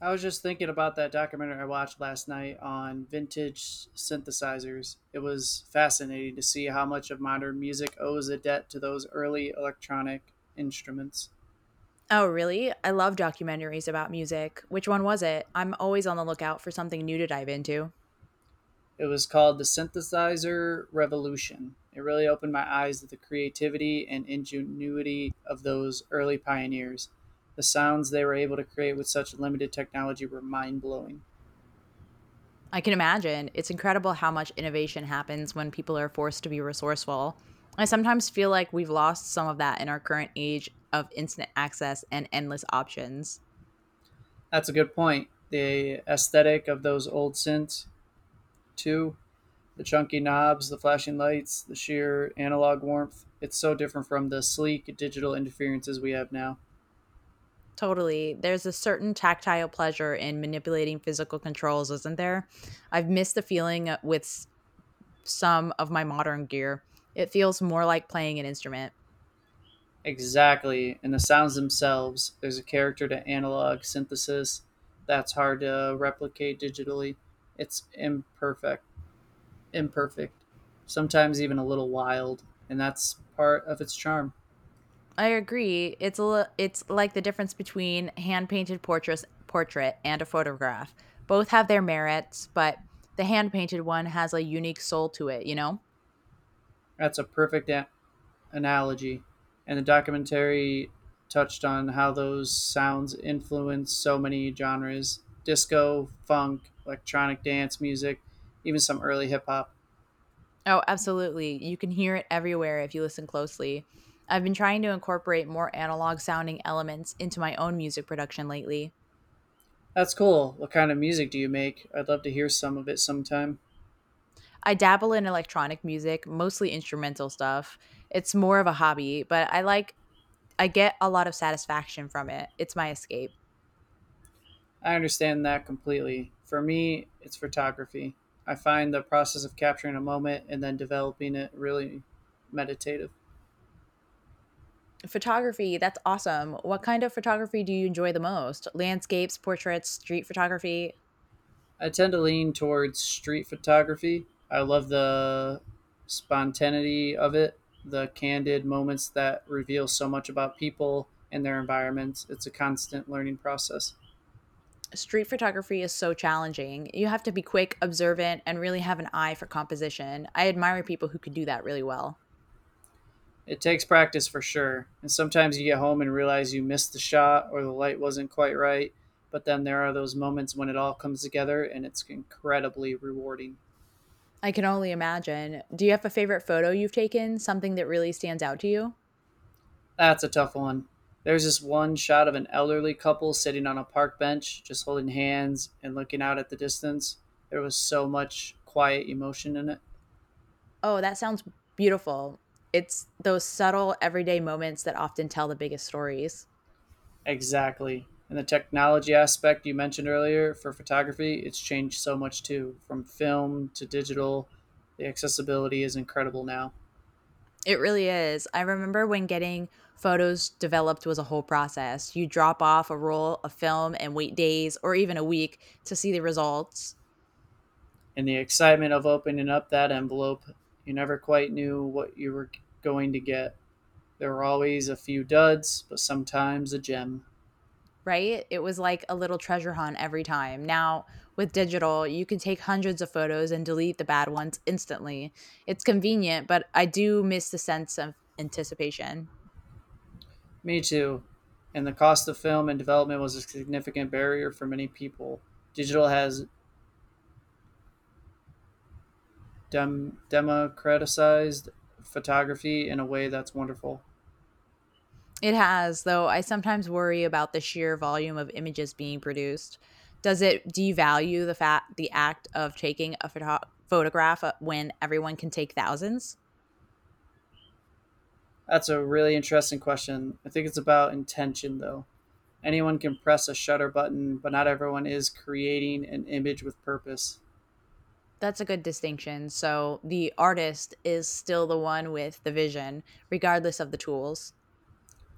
I was just thinking about that documentary I watched last night on vintage synthesizers. It was fascinating to see how much of modern music owes a debt to those early electronic instruments. Oh, really? I love documentaries about music. Which one was it? I'm always on the lookout for something new to dive into. It was called The Synthesizer Revolution. It really opened my eyes to the creativity and ingenuity of those early pioneers. The sounds they were able to create with such limited technology were mind blowing. I can imagine. It's incredible how much innovation happens when people are forced to be resourceful. I sometimes feel like we've lost some of that in our current age of instant access and endless options. That's a good point. The aesthetic of those old synths, too, the chunky knobs, the flashing lights, the sheer analog warmth. It's so different from the sleek digital interferences we have now. Totally. There's a certain tactile pleasure in manipulating physical controls, isn't there? I've missed the feeling with some of my modern gear. It feels more like playing an instrument. Exactly. And the sounds themselves, there's a character to analog synthesis that's hard to replicate digitally. It's imperfect, sometimes even a little wild, and that's part of its charm. I agree. It's a it's like the difference between hand painted portrait and a photograph. Both have their merits, but the hand painted one has a unique soul to it. That's a perfect analogy, and the documentary touched on how those sounds influence so many genres disco, funk, electronic dance music, even some early hip hop. Oh, absolutely. You can hear it everywhere if you listen closely. I've been trying to incorporate more analog sounding elements into my own music production lately. That's cool. What kind of music do you make? I'd love to hear some of it sometime. I dabble in electronic music, mostly instrumental stuff. It's more of a hobby, but I get a lot of satisfaction from it. It's my escape. I understand that completely. For me, it's photography. I find the process of capturing a moment and then developing it really meditative. Photography, that's awesome. What kind of photography do you enjoy the most? Landscapes, portraits, street photography? I tend to lean towards street photography. I love the spontaneity of it, the candid moments that reveal so much about people and their environments. It's a constant learning process. Street photography is so challenging. You have to be quick, observant, and really have an eye for composition. I admire people who can do that really well. It takes practice for sure. And sometimes you get home and realize you missed the shot or the light wasn't quite right. But then there are those moments when it all comes together and it's incredibly rewarding. I can only imagine. Do you have a favorite photo you've taken, something that really stands out to you? That's a tough one. There's this one shot of an elderly couple sitting on a park bench, just holding hands and looking out at the distance. There was so much quiet emotion in it. Oh, that sounds beautiful. It's those subtle everyday moments that often tell the biggest stories. Exactly. And the technology aspect you mentioned earlier for photography, it's changed so much too. From film to digital, the accessibility is incredible now. It really is. I remember when getting photos developed was a whole process. You drop off a roll of film and wait days or even a week to see the results, And the excitement of opening up that envelope, you never quite knew what you were going to get. There were always a few duds, but sometimes a gem. right? It was like a little treasure hunt every time. Now, with digital, you can take hundreds of photos and delete the bad ones instantly. It's convenient, but I do miss the sense of anticipation. Me too. And the cost of film and development was a significant barrier for many people. Digital has democratized photography in a way that's wonderful. It has, though I sometimes worry about the sheer volume of images being produced. Does it devalue the fact the act of taking a photograph when everyone can take thousands? That's a really interesting question. I think it's about intention, though. Anyone can press a shutter button, but not everyone is creating an image with purpose. That's a good distinction. So the artist is still the one with the vision, regardless of the tools.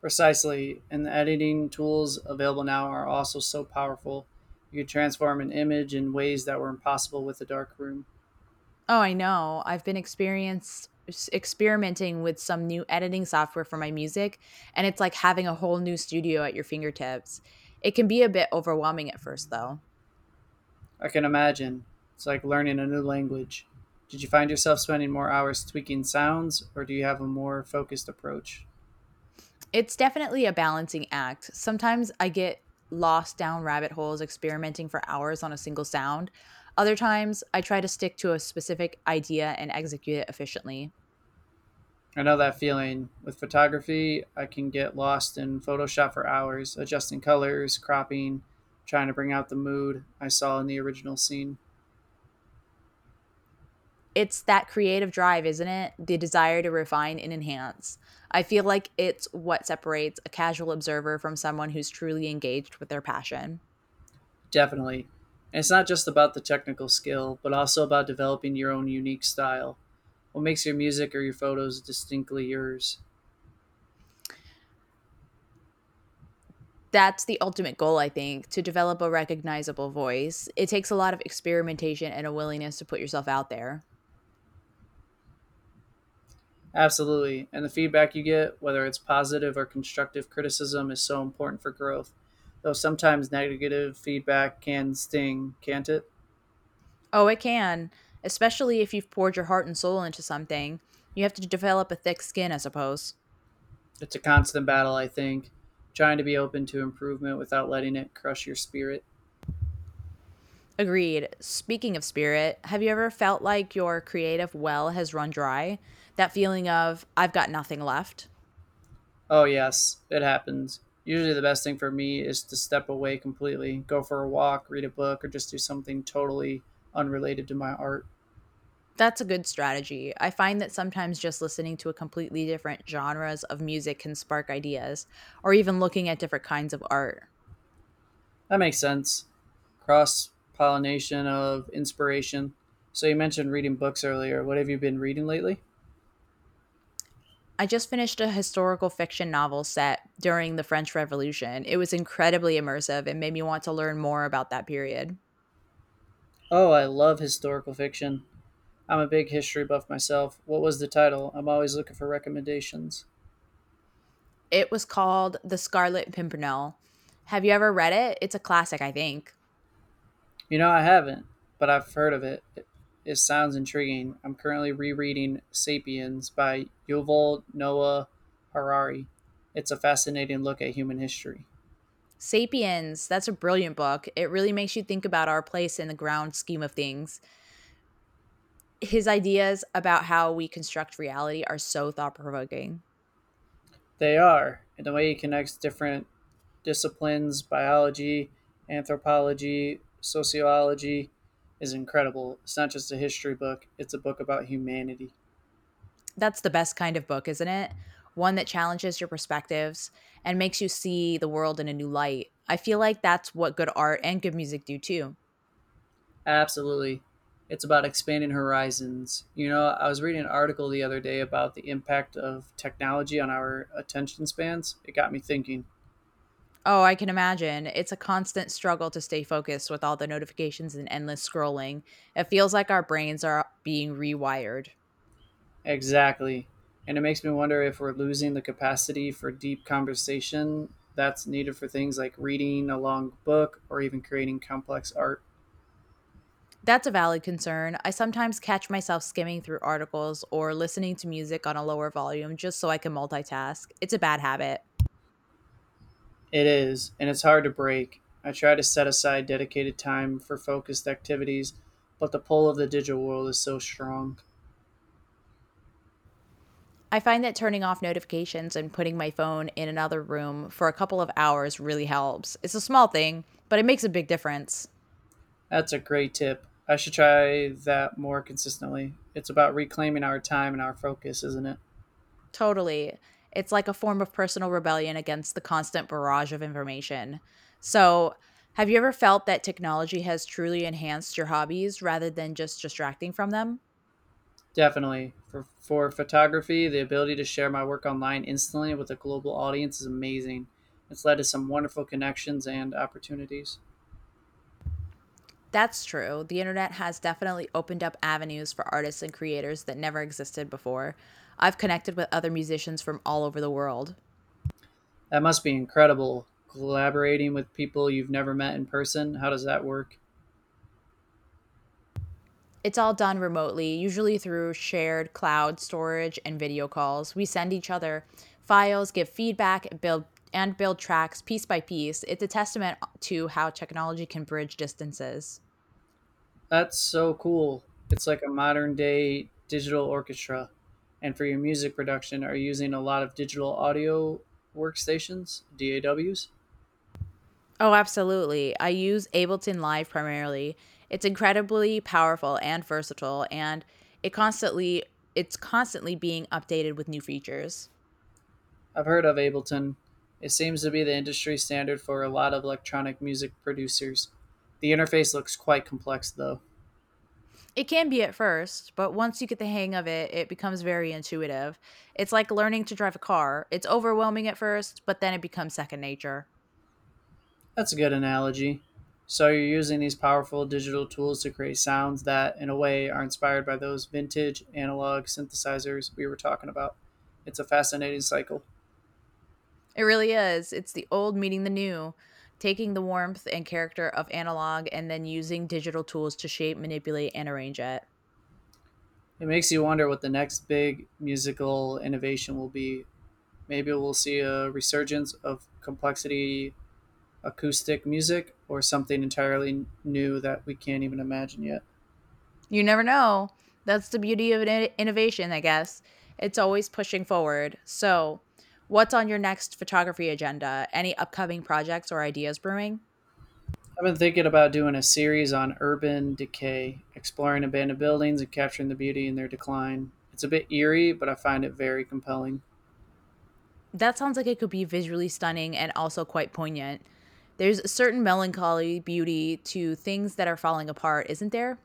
Precisely, and the editing tools available now are also so powerful. You can transform an image in ways that were impossible with a dark room. Oh, I know. I've been experienced experimenting with some new editing software for my music, and it's like having a whole new studio at your fingertips. It can be a bit overwhelming at first, though. I can imagine. It's like learning a new language. Did you find yourself spending more hours tweaking sounds, or do you have a more focused approach? It's definitely a balancing act. Sometimes I get lost down rabbit holes experimenting for hours on a single sound. Other times, I try to stick to a specific idea and execute it efficiently. I know that feeling. With photography, I can get lost in Photoshop for hours, adjusting colors, cropping, trying to bring out the mood I saw in the original scene. It's that creative drive, isn't it? The desire to refine and enhance. I feel like it's what separates a casual observer from someone who's truly engaged with their passion. Definitely. And it's not just about the technical skill, but also about developing your own unique style. What makes your music or your photos distinctly yours? That's the ultimate goal, I think, to develop a recognizable voice. It takes a lot of experimentation and a willingness to put yourself out there. Absolutely. And the feedback you get, whether it's positive or constructive criticism, is so important for growth. Though sometimes negative feedback can sting, can't it? Oh, it can, especially if you've poured your heart and soul into something. You have to develop a thick skin, I suppose. It's a constant battle, I think, trying to be open to improvement without letting it crush your spirit. Agreed. Speaking of spirit, have you ever felt like your creative well has run dry? That feeling of, I've got nothing left? Oh, yes, it happens. Usually, the best thing for me is to step away completely, go for a walk, read a book, or just do something totally unrelated to my art. That's a good strategy. I find that sometimes just listening to a completely different genres of music can spark ideas, or even looking at different kinds of art. That makes sense. Cross pollination of inspiration. So you mentioned reading books earlier. What have you been reading lately? I just finished a historical fiction novel set during the French Revolution. It was incredibly immersive and made me want to learn more about that period. Oh, I love historical fiction. I'm a big history buff myself. What was the title? I'm always looking for recommendations. It was called The Scarlet Pimpernel. Have you ever read it? It's a classic, I think. You know, I haven't, but I've heard of it. It sounds intriguing. I'm currently rereading Sapiens by Yuval Noah Harari. It's a fascinating look at human history. Sapiens, that's a brilliant book. It really makes you think about our place in the grand scheme of things. His ideas about how we construct reality are so thought provoking. They are, and the way he connects different disciplines, biology, anthropology, sociology, is incredible. It's not just a history book, it's a book about humanity. That's the best kind of book, isn't it? One that challenges your perspectives and makes you see the world in a new light. I feel like that's what good art and good music do too. Absolutely. It's about expanding horizons. You know, I was reading an article the other day about the impact of technology on our attention spans. It got me thinking. Oh, I can imagine. It's a constant struggle to stay focused with all the notifications and endless scrolling. It feels like our brains are being rewired. Exactly. And it makes me wonder if we're losing the capacity for deep conversation that's needed for things like reading a long book or even creating complex art. That's a valid concern. I sometimes catch myself skimming through articles or listening to music on a lower volume just so I can multitask. It's a bad habit. It is, and it's hard to break. I try to set aside dedicated time for focused activities, but the pull of the digital world is so strong. I find that turning off notifications and putting my phone in another room for a couple of hours really helps. It's a small thing, but it makes a big difference. That's a great tip. I should try that more consistently. It's about reclaiming our time and our focus, isn't it? Totally. It's like a form of personal rebellion against the constant barrage of information. So, have you ever felt that technology has truly enhanced your hobbies rather than just distracting from them? Definitely. For photography, the ability to share my work online instantly with a global audience is amazing. It's led to some wonderful connections and opportunities. That's true. The internet has definitely opened up avenues for artists and creators that never existed before. I've connected with other musicians from all over the world. That must be incredible. Collaborating with people you've never met in person. How does that work? It's all done remotely, usually through shared cloud storage and video calls. We send each other files, give feedback, and build tracks piece by piece. It's a testament to how technology can bridge distances. That's so cool. It's like a modern day digital orchestra. And for your music production, are you using a lot of digital audio workstations, DAWs? Oh, absolutely. I use Ableton Live primarily. It's incredibly powerful and versatile and it constantly it's constantly being updated with new features. I've heard of Ableton. It seems to be the industry standard for a lot of electronic music producers. The interface looks quite complex, though. It can be at first, but once you get the hang of it, it becomes very intuitive. It's like learning to drive a car. It's overwhelming at first, but then it becomes second nature. That's a good analogy. So, you're using these powerful digital tools to create sounds that, in a way, are inspired by those vintage analog synthesizers we were talking about. It's a fascinating cycle. It really is. It's the old meeting the new, taking the warmth and character of analog and then using digital tools to shape, manipulate, and arrange it. It makes you wonder what the next big musical innovation will be. Maybe we'll see a resurgence of complexity acoustic music or something entirely new that we can't even imagine yet. You never know. That's the beauty of innovation, I guess. It's always pushing forward. So, what's on your next photography agenda? Any upcoming projects or ideas brewing? I've been thinking about doing a series on urban decay, exploring abandoned buildings and capturing the beauty in their decline. It's a bit eerie, but I find it very compelling. That sounds like it could be visually stunning and also quite poignant. There's a certain melancholy beauty to things that are falling apart, isn't there?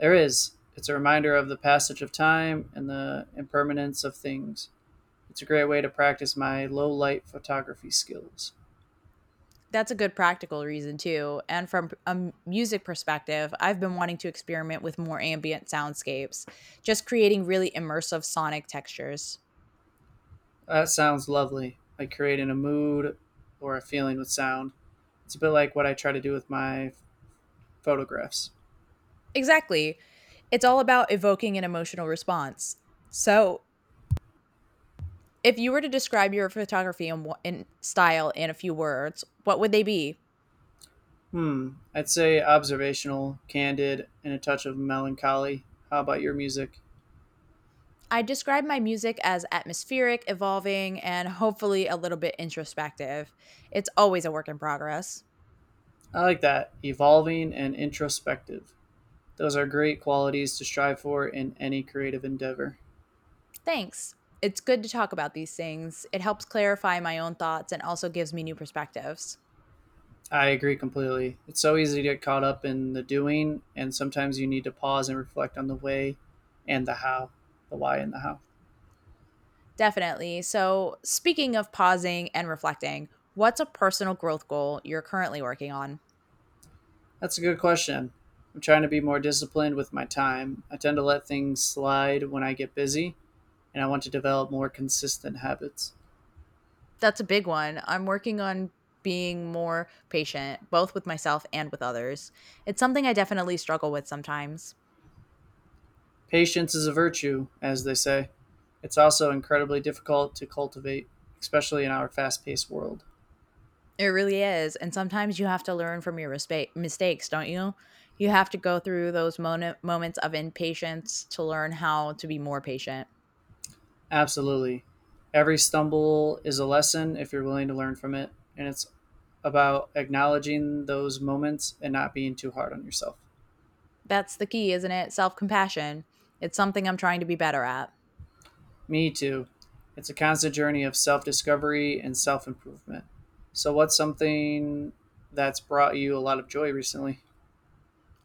There is. It's a reminder of the passage of time and the impermanence of things. It's a great way to practice my low light photography skills. That's a good practical reason, too. And from a music perspective, I've been wanting to experiment with more ambient soundscapes, just creating really immersive sonic textures. That sounds lovely. Like creating a mood or a feeling with sound. It's a bit like what I try to do with my photographs. Exactly. It's all about evoking an emotional response. So, if you were to describe your photography in, in style in a few words, what would they be? Hmm. I'd say observational, candid, and a touch of melancholy. How about your music? I describe my music as atmospheric, evolving, and hopefully a little bit introspective. It's always a work in progress. I like that. Evolving and introspective. Those are great qualities to strive for in any creative endeavor. Thanks. It's good to talk about these things. It helps clarify my own thoughts and also gives me new perspectives. I agree completely. It's so easy to get caught up in the doing, and sometimes you need to pause and reflect on the way and the how. The why and the how. Definitely. So, speaking of pausing and reflecting, what's a personal growth goal you're currently working on? That's a good question. I'm trying to be more disciplined with my time. I tend to let things slide when I get busy, and I want to develop more consistent habits. That's a big one. I'm working on being more patient, both with myself and with others. It's something I definitely struggle with sometimes. Patience is a virtue, as they say. It's also incredibly difficult to cultivate, especially in our fast paced world. It really is. And sometimes you have to learn from your mistakes, don't you? You have to go through those moments of impatience to learn how to be more patient. Absolutely. Every stumble is a lesson if you're willing to learn from it. And it's about acknowledging those moments and not being too hard on yourself. That's the key, isn't it? Self compassion. It's something I'm trying to be better at. Me too. It's a constant journey of self discovery and self improvement. So, what's something that's brought you a lot of joy recently?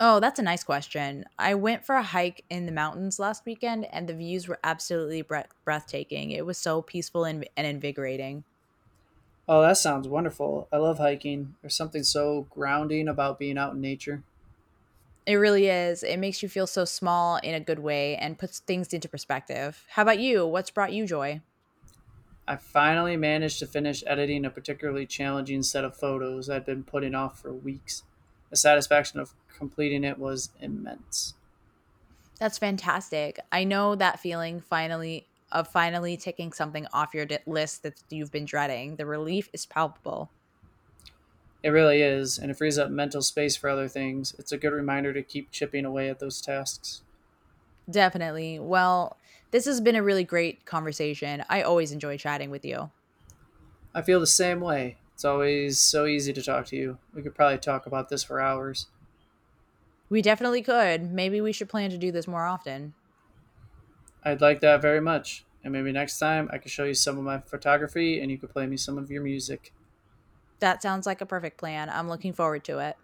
Oh, that's a nice question. I went for a hike in the mountains last weekend and the views were absolutely breathtaking. It was so peaceful and invigorating. Oh, that sounds wonderful. I love hiking. There's something so grounding about being out in nature. It really is. It makes you feel so small in a good way and puts things into perspective. How about you? What's brought you joy? I finally managed to finish editing a particularly challenging set of photos I'd been putting off for weeks. The satisfaction of completing it was immense. That's fantastic. I know that feeling finally of finally taking something off your list that you've been dreading. The relief is palpable. It really is, and it frees up mental space for other things. It's a good reminder to keep chipping away at those tasks. Definitely. Well, this has been a really great conversation. I always enjoy chatting with you. I feel the same way. It's always so easy to talk to you. We could probably talk about this for hours. We definitely could. Maybe we should plan to do this more often. I'd like that very much. And maybe next time I could show you some of my photography and you could play me some of your music. That sounds like a perfect plan. I'm looking forward to it.